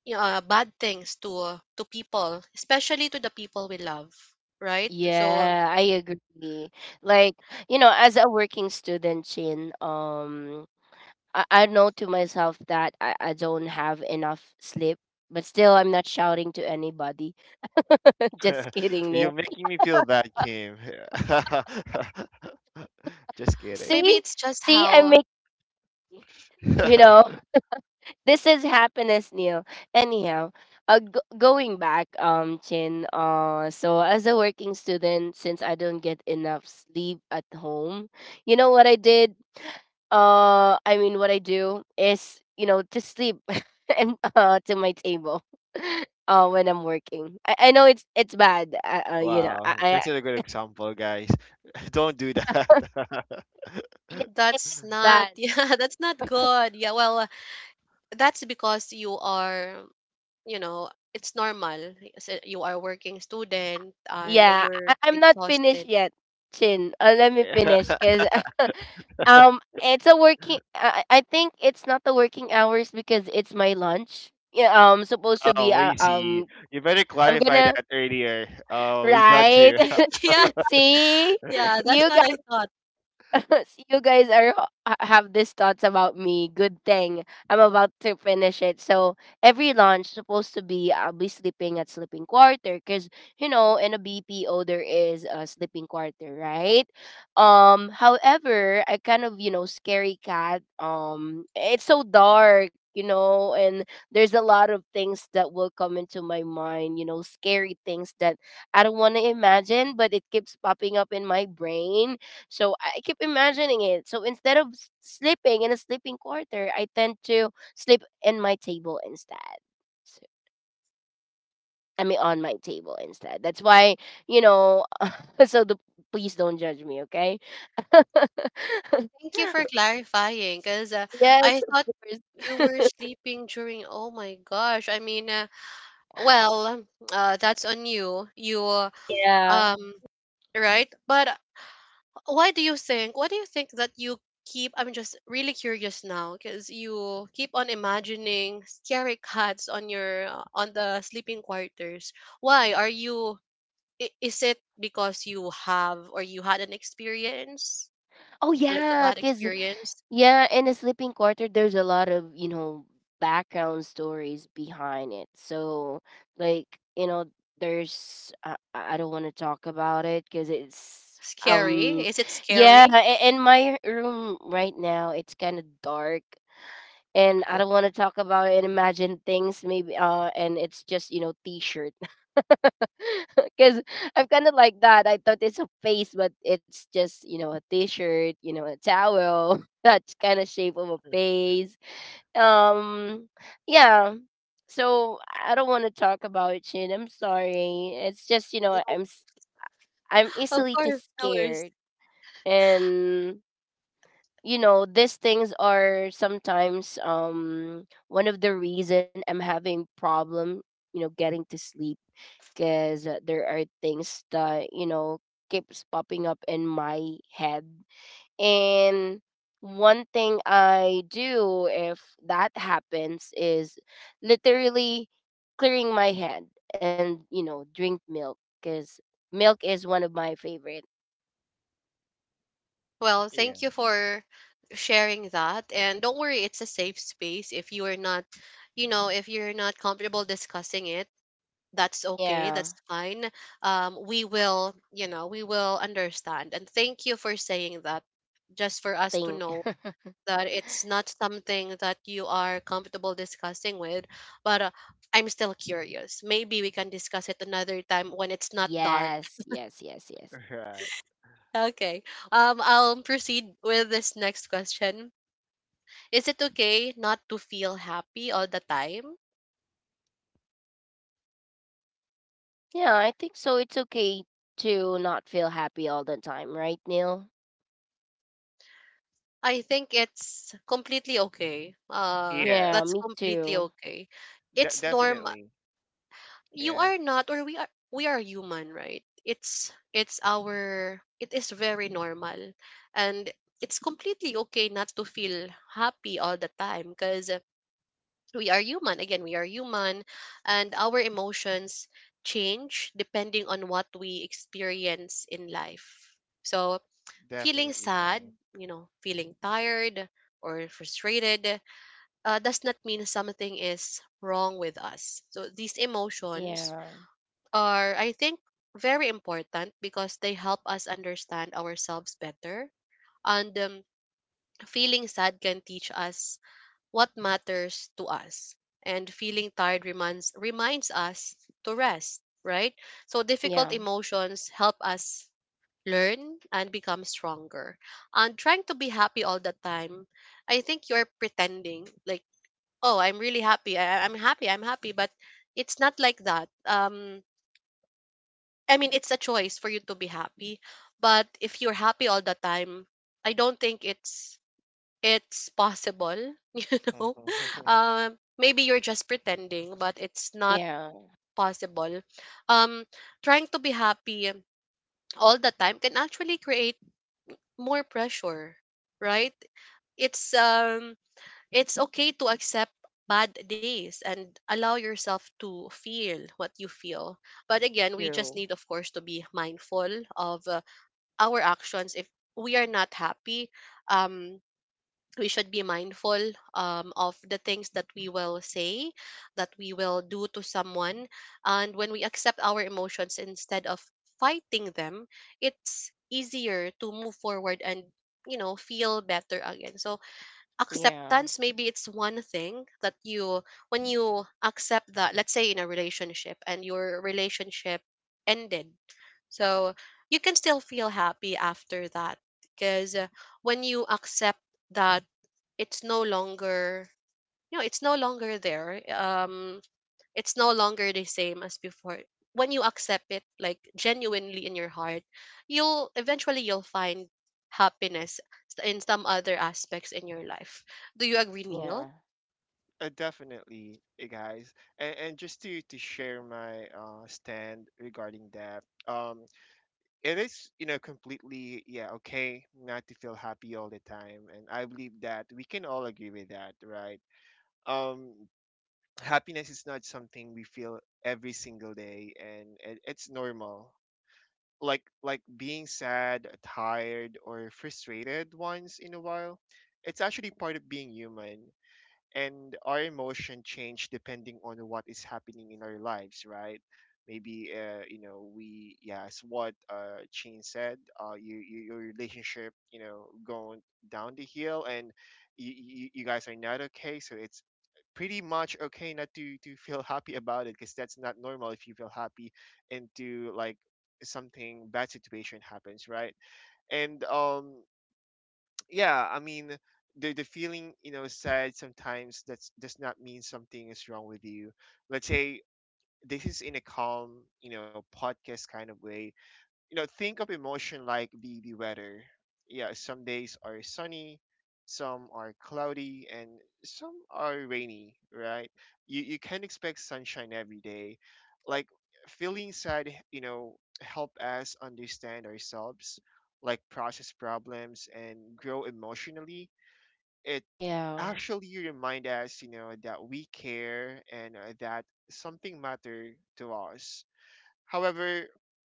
Speaker 1: bad things to people, especially to the people we love, right? So,
Speaker 3: Yeah, I agree. Like, you know, as a working student, Chin, I know to myself that I don't have enough sleep, but still I'm not shouting to anybody. Just kidding,
Speaker 2: You're
Speaker 3: Neil.
Speaker 2: making me feel bad, Kim. Just kidding.
Speaker 1: maybe
Speaker 3: See?
Speaker 1: it's just
Speaker 3: See, I make
Speaker 1: how...
Speaker 3: you know this is happiness neil. Anyhow, going back chin, so as a working student since I don't get enough sleep at home, you know what I did, I mean what I do is you know to sleep and to my table. When I'm working, I know it's bad, you know,
Speaker 2: Wow,
Speaker 3: I
Speaker 2: that's a good example, guys. Don't do that.
Speaker 3: yeah, it's
Speaker 1: That's not,
Speaker 3: bad.
Speaker 1: yeah, that's not good. Yeah, well, that's because you are, it's normal. Yes, you are working student and
Speaker 3: Yeah,
Speaker 1: you're
Speaker 3: I'm not finished
Speaker 1: exhausted.
Speaker 3: yet, Chin. Let me finish because it's a working. I think it's not the working hours because it's my lunch. Yeah, supposed to be.
Speaker 2: Oh, we see. You better
Speaker 3: I'm
Speaker 2: clarify
Speaker 3: gonna
Speaker 2: that earlier. Oh, we judge
Speaker 3: right.
Speaker 2: you.
Speaker 1: Yeah,
Speaker 3: See,
Speaker 1: yeah, that's
Speaker 3: you
Speaker 1: what I thought.
Speaker 3: so you guys are have these thoughts about me. Good thing I'm about to finish it. So every launch supposed to be I'll be sleeping at sleeping quarter because you know in a BPO there is a sleeping quarter, right? However, I kind of you know scary cat. It's so dark, you know, and there's a lot of things that will come into my mind. You know, scary things that I don't want to imagine, but it keeps popping up in my brain so I keep imagining it. So instead of sleeping in a sleeping quarter, I tend to sleep in my table instead. So, I mean, on my table instead. That's why, you know, so the, please don't judge me, okay?
Speaker 1: Thank you for clarifying, because,
Speaker 3: Yes,
Speaker 1: I
Speaker 3: of
Speaker 1: thought you were
Speaker 3: course.
Speaker 1: sleeping during, oh my gosh. I mean, well, that's on you. You,
Speaker 3: Yeah,
Speaker 1: um, right? But why do you think that you keep I'm just really curious now, because you keep on imagining scary cats on the sleeping quarters. Why are you, is it because you have or you had an experience,
Speaker 3: oh
Speaker 1: like a
Speaker 3: yeah,
Speaker 1: bad
Speaker 3: cause
Speaker 1: experience?
Speaker 3: yeah, in a sleeping quarter, there's a lot of you know background stories behind it. So like you know, there's I don't want to talk about it because it's
Speaker 1: Scary,
Speaker 3: um
Speaker 1: is it
Speaker 3: yeah.
Speaker 1: scary?
Speaker 3: In my room right now, it's kind of dark and I don't want to talk about and imagine things maybe and it's just you know t-shirt because I'm kind of like that I thought it's a face but it's just you know a t-shirt you know a towel that kind of shape of a face. um yeah so I don't want to talk about it Shin. I'm sorry it's just you know
Speaker 1: No,
Speaker 3: I'm
Speaker 1: of
Speaker 3: easily
Speaker 1: course,
Speaker 3: just
Speaker 1: no worries.
Speaker 3: scared, and you know these things are sometimes one of the reason I'm having problem you know getting to sleep because there are things that you know keeps popping up in my head, and one thing I do if that happens is literally clearing my head, and you know drink milk because milk is one of my favorite.
Speaker 1: Well,
Speaker 2: Yeah,
Speaker 1: thank you for sharing that, and don't worry. It's a safe space if you are not you know if you're not comfortable discussing it. That's okay,
Speaker 3: Yeah
Speaker 1: that's fine. We will, we will understand, and thank you for saying that, just for us to
Speaker 3: thing.
Speaker 1: know that it's not something that you are comfortable discussing with. But, I'm still curious, maybe we can discuss it another time when it's not dark.
Speaker 3: Yes yes yes yes.
Speaker 2: right.
Speaker 1: Okay, I'll proceed with this next question. Is it okay not to feel happy all the time?
Speaker 3: Yeah, I think so. It's okay to not feel happy all the time, right, Neil?
Speaker 1: I think it's completely okay.
Speaker 3: Yeah,
Speaker 2: Yeah,
Speaker 1: That's
Speaker 3: me
Speaker 1: completely
Speaker 3: too.
Speaker 1: okay. It's normal.
Speaker 2: Definitely.
Speaker 1: You
Speaker 2: Yeah,
Speaker 1: are not, or we are human, right? It is very normal, and it's completely okay not to feel happy all the time because we are human. Again, we are human, and our emotions change depending on what we experience in life. So feeling
Speaker 2: definitely,
Speaker 1: sad,
Speaker 2: guys.
Speaker 1: feeling tired or frustrated, does not mean something is wrong with us. So these emotions
Speaker 3: Yeah,
Speaker 1: are, I think, very important because they help us understand ourselves better. And, feeling sad can teach us what matters to us. And feeling tired reminds us to rest, right? So difficult
Speaker 3: yeah,
Speaker 1: emotions help us learn and become stronger. And trying to be happy all the time, I think you're pretending, like, oh, I'm really happy. I'm happy. I'm happy. But it's not like that. I mean, it's a choice for you to be happy. But if you're happy all the time, I don't think it's possible. You know,
Speaker 2: Mhm.
Speaker 1: maybe you're just pretending, but it's not
Speaker 3: yeah,
Speaker 1: possible. Um, Trying to be happy all the time can actually create more pressure, right? It's um it's okay to accept bad days and allow yourself to feel what you feel. But again, we just
Speaker 3: true.
Speaker 1: need, of course, to be mindful of, our actions if we are not happy. Um we should be mindful, of the things that we will say, that we will do to someone. And when we accept our emotions instead of fighting them, it's easier to move forward and feel better again. So
Speaker 3: Yeah,
Speaker 1: acceptance, maybe it's one thing that you— when you accept that, let's say, in a relationship and your relationship ended, so you can still feel happy after that because when you accept that it's no longer— it's no longer there. It's no longer the same as before. When you accept it like genuinely in your heart, you'll eventually you'll find happiness in some other aspects in your life. Do you agree,
Speaker 3: yeah,
Speaker 1: Neil?
Speaker 2: Definitely, eh, guys. And, just to share my stand regarding that, it is you know completely yeah okay not to feel happy all the time, and I believe that we can all agree with that, right? um Happiness is not something we feel every single day, and it's normal, like being sad, tired, or frustrated once in a while. It's actually part of being human, and our emotion change depending on what is happening in our lives, right? Maybe you know we, yeah, as what Chin said, you your relationship you know going down the hill, and you guys are not okay, so it's pretty much okay not to feel happy about it, because that's not normal if you feel happy and to like something bad situation happens, right? And yeah, I mean, the feeling you know sad sometimes, that's does not mean something is wrong with you. Let's say this is in a calm you know podcast kind of way. You know, think of emotion like the weather. Yeah, some days are sunny, some are cloudy, and some are rainy, right? You can't expect sunshine every day. Like feeling sad, you know, help us understand ourselves, like process problems and grow emotionally. It
Speaker 3: yeah.
Speaker 2: actually remind us you know that we care and that something matter to us. However,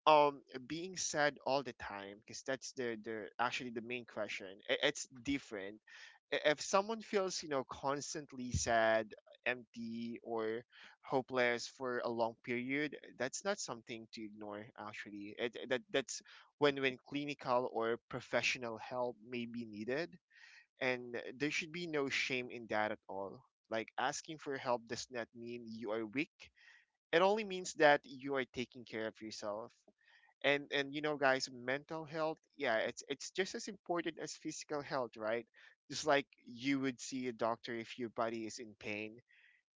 Speaker 2: um, being sad all the time, because that's the actually the main question, it's different. If someone feels you know constantly sad, empty, or hopeless for a long period, that's not something to ignore. Actually, that that's when clinical or professional help may be needed, and there should be no shame in that at all. Like asking for help does not mean you are weak, it only means that you are taking care of yourself. And you know, guys, mental health, yeah, it's just as important as physical health, right? Just like you would see a doctor if your body is in pain,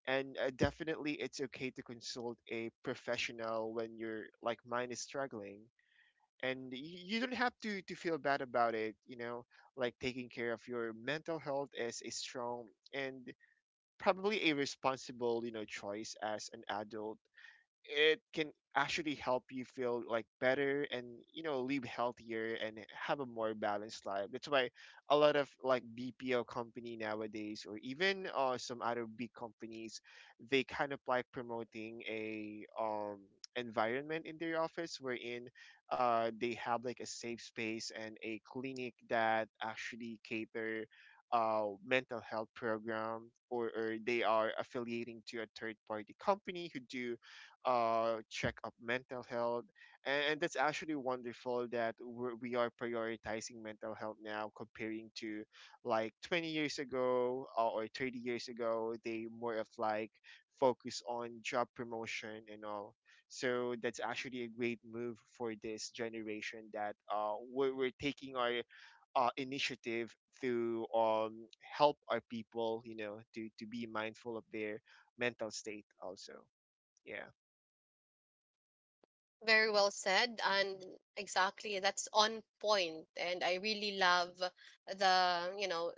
Speaker 2: and definitely it's okay to consult a professional when your like mind is struggling. and y- you don't have to feel bad about it, you know. Like taking care of your mental health is a strong and probably a responsible you know choice as an adult. It can actually help you feel like better and you know live healthier and have a more balanced life. That's why a lot of like BPO company nowadays or even some other big companies, they kind of like promoting a environment in their office wherein they have like a safe space and a clinic that actually cater mental health program, or they are affiliating to a third party company who do check up mental health. And that's actually wonderful that we are prioritizing mental health now comparing to like 20 years ago or 30 years ago. They more of like focus on job promotion and all. So that's actually a great move for this generation that we're taking our initiative to help our people, you know, to be mindful of their mental state also. Yeah.
Speaker 1: Very well said, and exactly, that's on point. And I really love the, you know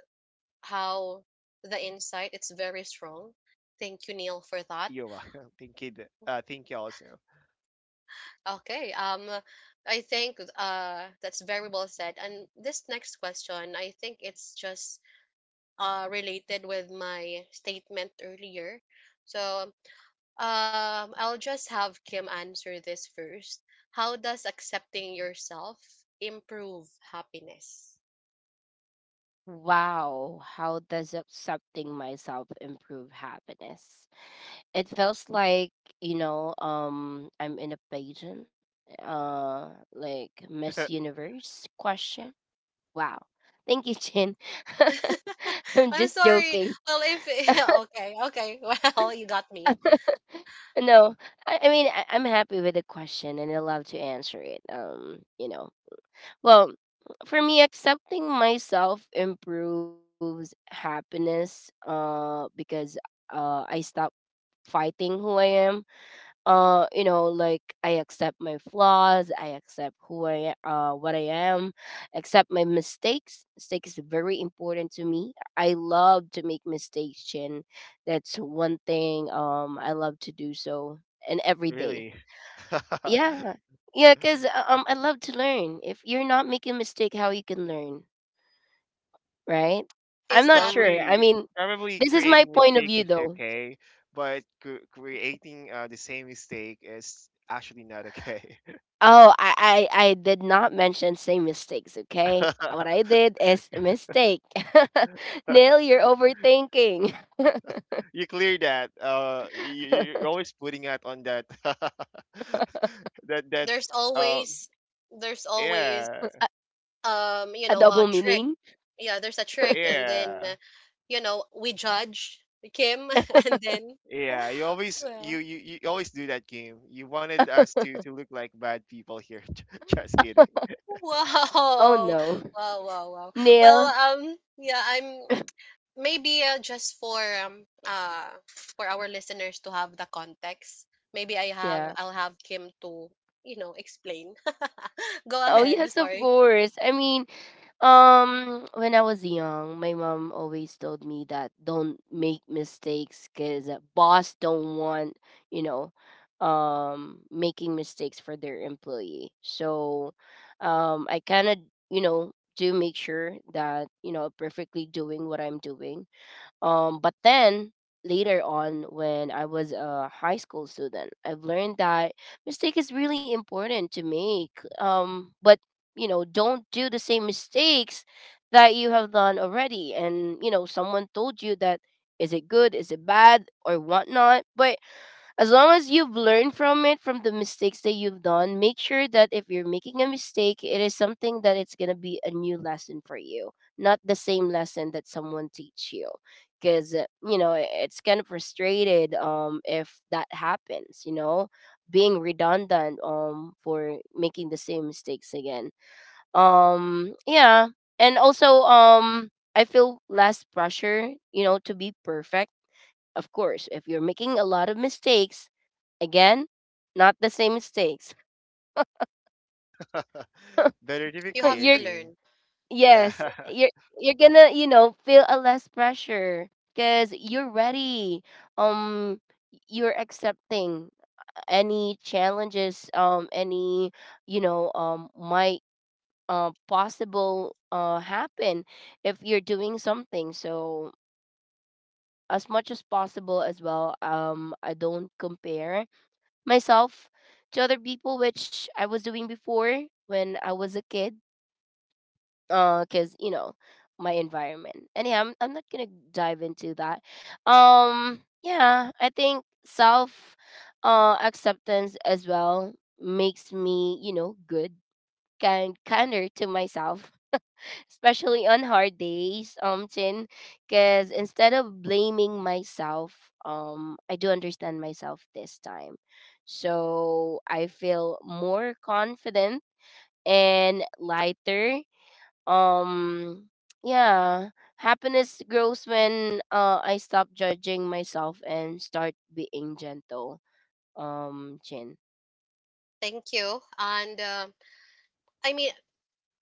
Speaker 1: how the insight, it's very strong. Thank you, Neil, for that.
Speaker 2: You're welcome. Thank you. Thank you also.
Speaker 1: Okay. I think that's very well said. And this next question, I think it's just related with my statement earlier. So I'll just have Kim answer this first. How does accepting yourself improve happiness?
Speaker 3: Wow, how does accepting myself improve happiness? It feels like, I'm in a pageant, like Miss Universe question. Wow. Thank you, Chin. I'm
Speaker 1: I'm
Speaker 3: just
Speaker 1: sorry.
Speaker 3: joking.
Speaker 1: Well, if okay, okay. Well, you got me.
Speaker 3: No, I mean I'm happy with the question and I love to answer it. Well, for me, accepting myself improves happiness. Because I stop fighting who I am. Like, I accept my flaws, I accept what I am, accept my mistakes. Mistakes is very important to me. I love to make mistakes, and that's one thing I love to do. So and every day,
Speaker 2: Really.
Speaker 3: yeah, yeah, because I love to learn. If you're not making mistake, how you can learn, right? I'm
Speaker 1: Is
Speaker 3: not
Speaker 1: that—
Speaker 3: sure, I
Speaker 2: Probably
Speaker 3: mean,
Speaker 2: probably
Speaker 3: this is my
Speaker 2: creating
Speaker 3: point of
Speaker 2: mistake
Speaker 3: view
Speaker 2: is
Speaker 3: though.
Speaker 2: okay, but creating the same mistake is actually not okay.
Speaker 3: Oh, I did not mention same mistakes, okay? What I did is a mistake. Neil, you're overthinking.
Speaker 2: You clear that. You're always putting out on that. That that.
Speaker 1: there's
Speaker 2: Um.
Speaker 1: always— there's
Speaker 3: A,
Speaker 1: always
Speaker 2: Yeah.
Speaker 3: a double
Speaker 1: a
Speaker 3: meaning?
Speaker 1: trick. Yeah, there's a trick, and then
Speaker 2: Yeah.
Speaker 1: we judge Kim and then—
Speaker 2: Yeah. You always
Speaker 1: well,
Speaker 2: you always do that game. You wanted us to look like bad people here. Just kidding.
Speaker 3: Oh
Speaker 1: wow,
Speaker 3: no.
Speaker 1: wow, wow, wow. Well,
Speaker 3: Neil,
Speaker 1: yeah, I'm maybe just um uh for our listeners to have the context, maybe
Speaker 3: yeah.
Speaker 1: I'll have Kim to explain. Go
Speaker 3: Oh
Speaker 1: ahead,
Speaker 3: yes, of
Speaker 1: sorry.
Speaker 3: course. I mean, when I was young, my mom always told me that don't make mistakes because boss don't want, you know, making mistakes for their employee. So, I kind of, you know, do make sure that, you know, perfectly doing what I'm doing, but then later on, when I was a high school student, I've learned that mistake is really important to make. But you know, don't do the same mistakes that you have done already. And you know, someone told you that, is it good, is it bad, or whatnot. But as long as you've learned from it, from the mistakes that you've done, make sure that if you're making a mistake, it is something that it's going to be a new lesson for you, not the same lesson that someone teach you. Because, it's kind of frustrated, if that happens, you know, being redundant, for making the same mistakes again. Yeah. And also, I feel less pressure, you know, to be perfect, of course, if you're making a lot of mistakes, again, not the same mistakes.
Speaker 2: Better to be
Speaker 1: You have
Speaker 2: clear,
Speaker 3: you're
Speaker 1: to
Speaker 2: Kim.
Speaker 1: learn.
Speaker 2: Yeah,
Speaker 3: yes, you're you're gonna, you know, feel a less pressure because you're ready. Um, you're accepting any challenges. Any might possible happen if you're doing something. So as much as possible as well. I don't compare myself to other people, which I was doing before when I was a kid, because you know my environment. Anyhow, I'm not gonna dive into that. Yeah, I think self acceptance as well makes me, you know, good, kinder to myself, especially on hard days, Chin, because instead of blaming myself, I do understand myself this time. So I feel more confident and lighter. Um, yeah, happiness grows when, I stop judging myself and start being gentle. Chin.
Speaker 1: Thank you, and I mean,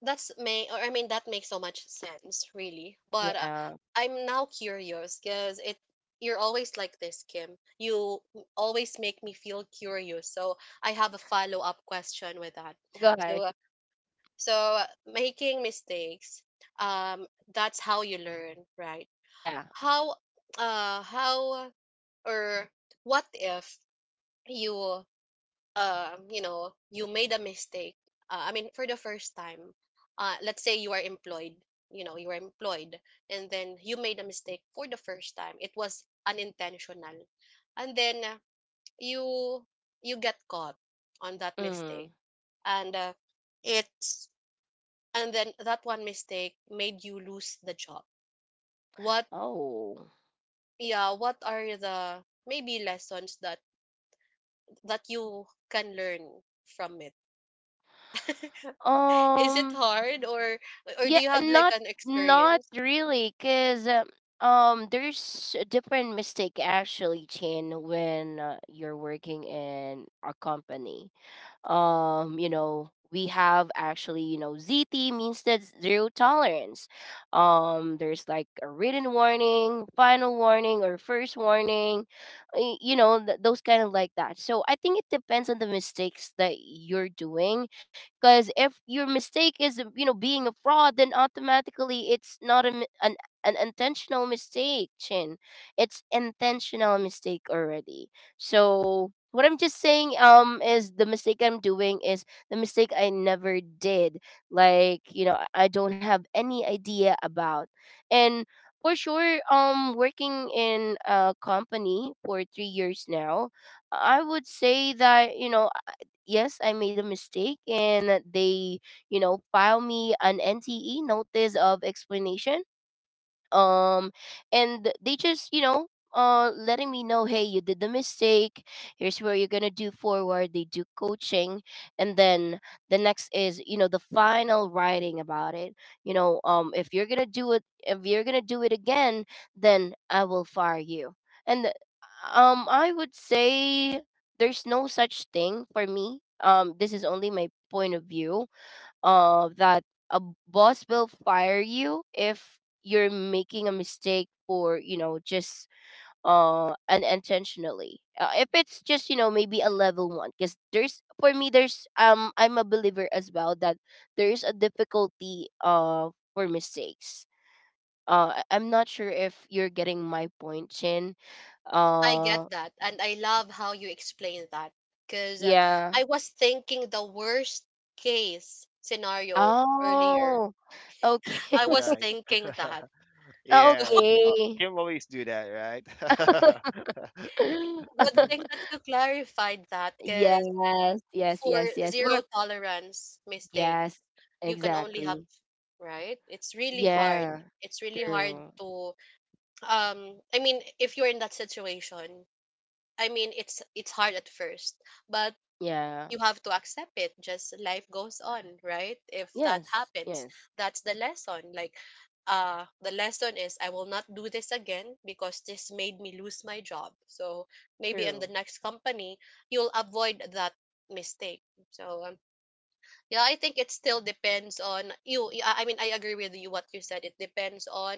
Speaker 1: that's may or I mean, that makes so much sense, really. But
Speaker 3: Yeah,
Speaker 1: I'm now curious because it— you're always like this, Kim. You always make me feel curious. So I have a follow up question with that.
Speaker 3: go
Speaker 1: So
Speaker 3: ahead.
Speaker 1: making mistakes, um, that's how you learn, right?
Speaker 3: Yeah.
Speaker 1: How— how, or what if you— you made a mistake. I mean, for the first time, let's say you are employed, you are employed, and then you made a mistake for the first time. It was unintentional, and then you you get caught on that
Speaker 3: Mm.
Speaker 1: mistake, and it's and then that one mistake made you lose the job. What—
Speaker 3: Oh.
Speaker 1: yeah? What are the maybe lessons that you can learn from it? Is it
Speaker 3: Um.
Speaker 1: hard, or— or
Speaker 3: Yeah,
Speaker 1: do you have like
Speaker 3: not
Speaker 1: an
Speaker 3: not
Speaker 1: experience?
Speaker 3: really, cause there's a different mistake actually, Chin, when, you're working in a company. You know, we have actually, you know, ZT means, that's zero tolerance. There's like a written warning, final warning, or first warning, you know, those kind of like that. So I think it depends on the mistakes that you're doing, because if your mistake is, you know, being a fraud, then automatically it's not an an intentional mistake, Chin. It's intentional mistake already. So what I'm just saying, is the mistake I'm doing is the mistake I never did. Like, you know, I don't have any idea about. And for sure, working in a company for 3 years now, I would say that, you know, I- yes, I made a mistake and they, you know, file me an NTE, notice of explanation, um and they just, you know, letting me know, hey, you did the mistake, here's where you're gonna do forward. They do coaching, and then the next is, you know, the final writing about it, you know, if you're gonna do it, if you're gonna do it again, then I will fire you. And I would say there's no such thing for me, this is only my point of view, that a boss will fire you if you're making a mistake for, you know, just unintentionally, if it's just, you know, maybe a level one. Because there's, for me, there's, I'm a believer as well, that there's a difficulty for mistakes. I'm not sure if you're getting my point, Chin.
Speaker 1: I get
Speaker 3: Uh,
Speaker 1: that, and I love how you explain that because
Speaker 3: yeah.
Speaker 1: I was thinking the worst case scenario earlier.
Speaker 3: Oh, okay.
Speaker 1: I was
Speaker 2: right.
Speaker 1: thinking that.
Speaker 2: Yeah, Kim always do that, right?
Speaker 3: Okay.
Speaker 1: Good thing that you clarified that, because
Speaker 3: Yes, yes,
Speaker 1: for
Speaker 3: yes, yes. We're
Speaker 1: zero tolerance mistakes,
Speaker 3: yes,
Speaker 1: you can only have,
Speaker 3: exactly.
Speaker 1: right? It's really hard.
Speaker 3: Yeah,
Speaker 1: It's really hard
Speaker 3: true.
Speaker 1: to— I mean, if you're in that situation, I mean, it's— it's hard at first, but
Speaker 3: Yeah,
Speaker 1: you have to accept it. Just life goes on, right? If that
Speaker 3: yes,
Speaker 1: happens,
Speaker 3: yes,
Speaker 1: that's the lesson. Like, the lesson is I will not do this again because this made me lose my job. So maybe in the
Speaker 3: true.
Speaker 1: next company, you'll avoid that mistake. So yeah, I think it still depends on you. Yeah, I mean, I agree with you. What you said, it depends on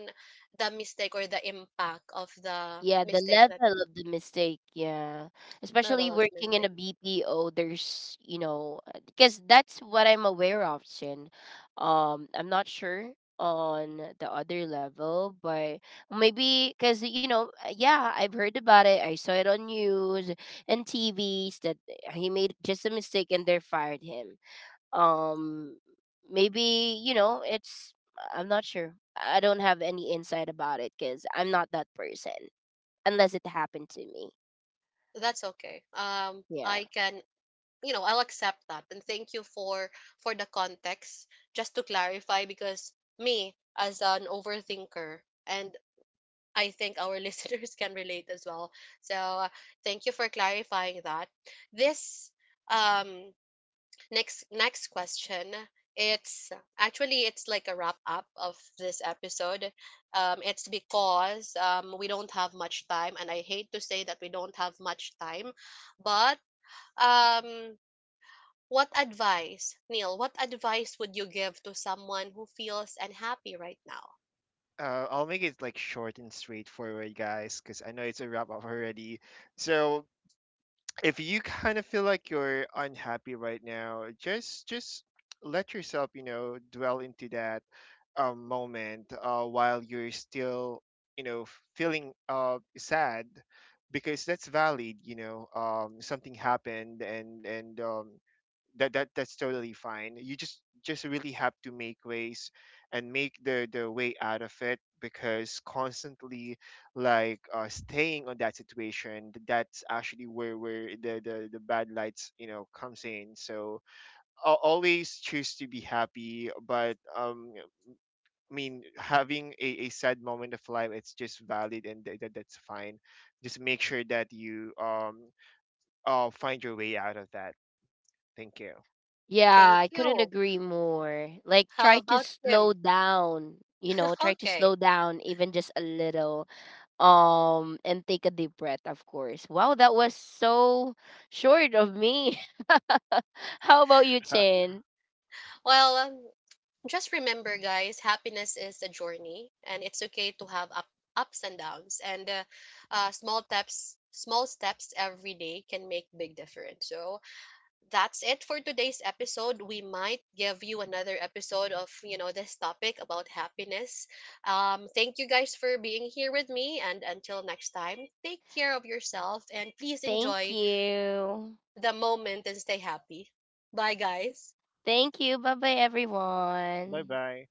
Speaker 1: the mistake or the impact of the
Speaker 3: Yeah, the
Speaker 1: mistake, that
Speaker 3: level of the mistake. Yeah. Especially
Speaker 1: level of
Speaker 3: working in a
Speaker 1: mistake.
Speaker 3: BPO, there's, you know, because that's what I'm aware of, Shin. I'm not sure on the other level, but maybe because, you know, yeah, I've heard about it. I saw it on news and TVs, that eh, he made just a mistake and they fired him. Um, Maybe, you know, it's, I'm not sure. I don't have any insight about it because I'm not that person unless it happened to me.
Speaker 1: That's okay.
Speaker 3: Yeah.
Speaker 1: I can, I'll accept that. And thank you for— for the context, just to clarify, because me as an overthinker, and I think our listeners can relate as well. So thank you for clarifying that. This, um next— next question, it's actually it's like a wrap up of this episode. It's because we don't have much time, and I hate to say that we don't have much time, but um what advice, Neil, what advice would you give to someone who feels unhappy right now?
Speaker 2: I'll make it like short and straightforward, guys, because I know it's a wrap up already. So if you kind of feel like you're unhappy right now, just let yourself, you know, dwell into that moment while you're still you know feeling sad, because that's valid, you know. Something happened, and that that's totally fine. You just really have to make ways and make the way out of it, because constantly like staying on that situation, that's actually where the, the bad lights you know comes in. So I'll always choose to be happy, but I mean, having a sad moment of life, it's just valid, and that that's fine. Just make sure that you find your way out of that. Thank you.
Speaker 1: Thank
Speaker 3: Yeah, I couldn't
Speaker 1: you.
Speaker 3: agree more. Like,
Speaker 1: How
Speaker 3: try to
Speaker 1: about
Speaker 3: slow
Speaker 1: Kim?
Speaker 3: down, you know, try to slow
Speaker 1: Okay.
Speaker 3: down even just a little, and take a deep breath, of course. Wow, that was so short of me. How about you, Chin?
Speaker 1: Well, just remember, guys, happiness is a journey, and it's okay to have up— ups and downs. And small steps every day can make big difference. So that's it for today's episode. We might give you another episode of, you know, this topic about happiness. Thank you guys for being here with me. And until next time, take care of yourself and please
Speaker 3: Thank
Speaker 1: enjoy
Speaker 3: you.
Speaker 1: the moment and stay happy. Bye, guys.
Speaker 3: Thank you. Bye bye,
Speaker 2: Bye
Speaker 3: everyone.
Speaker 2: bye.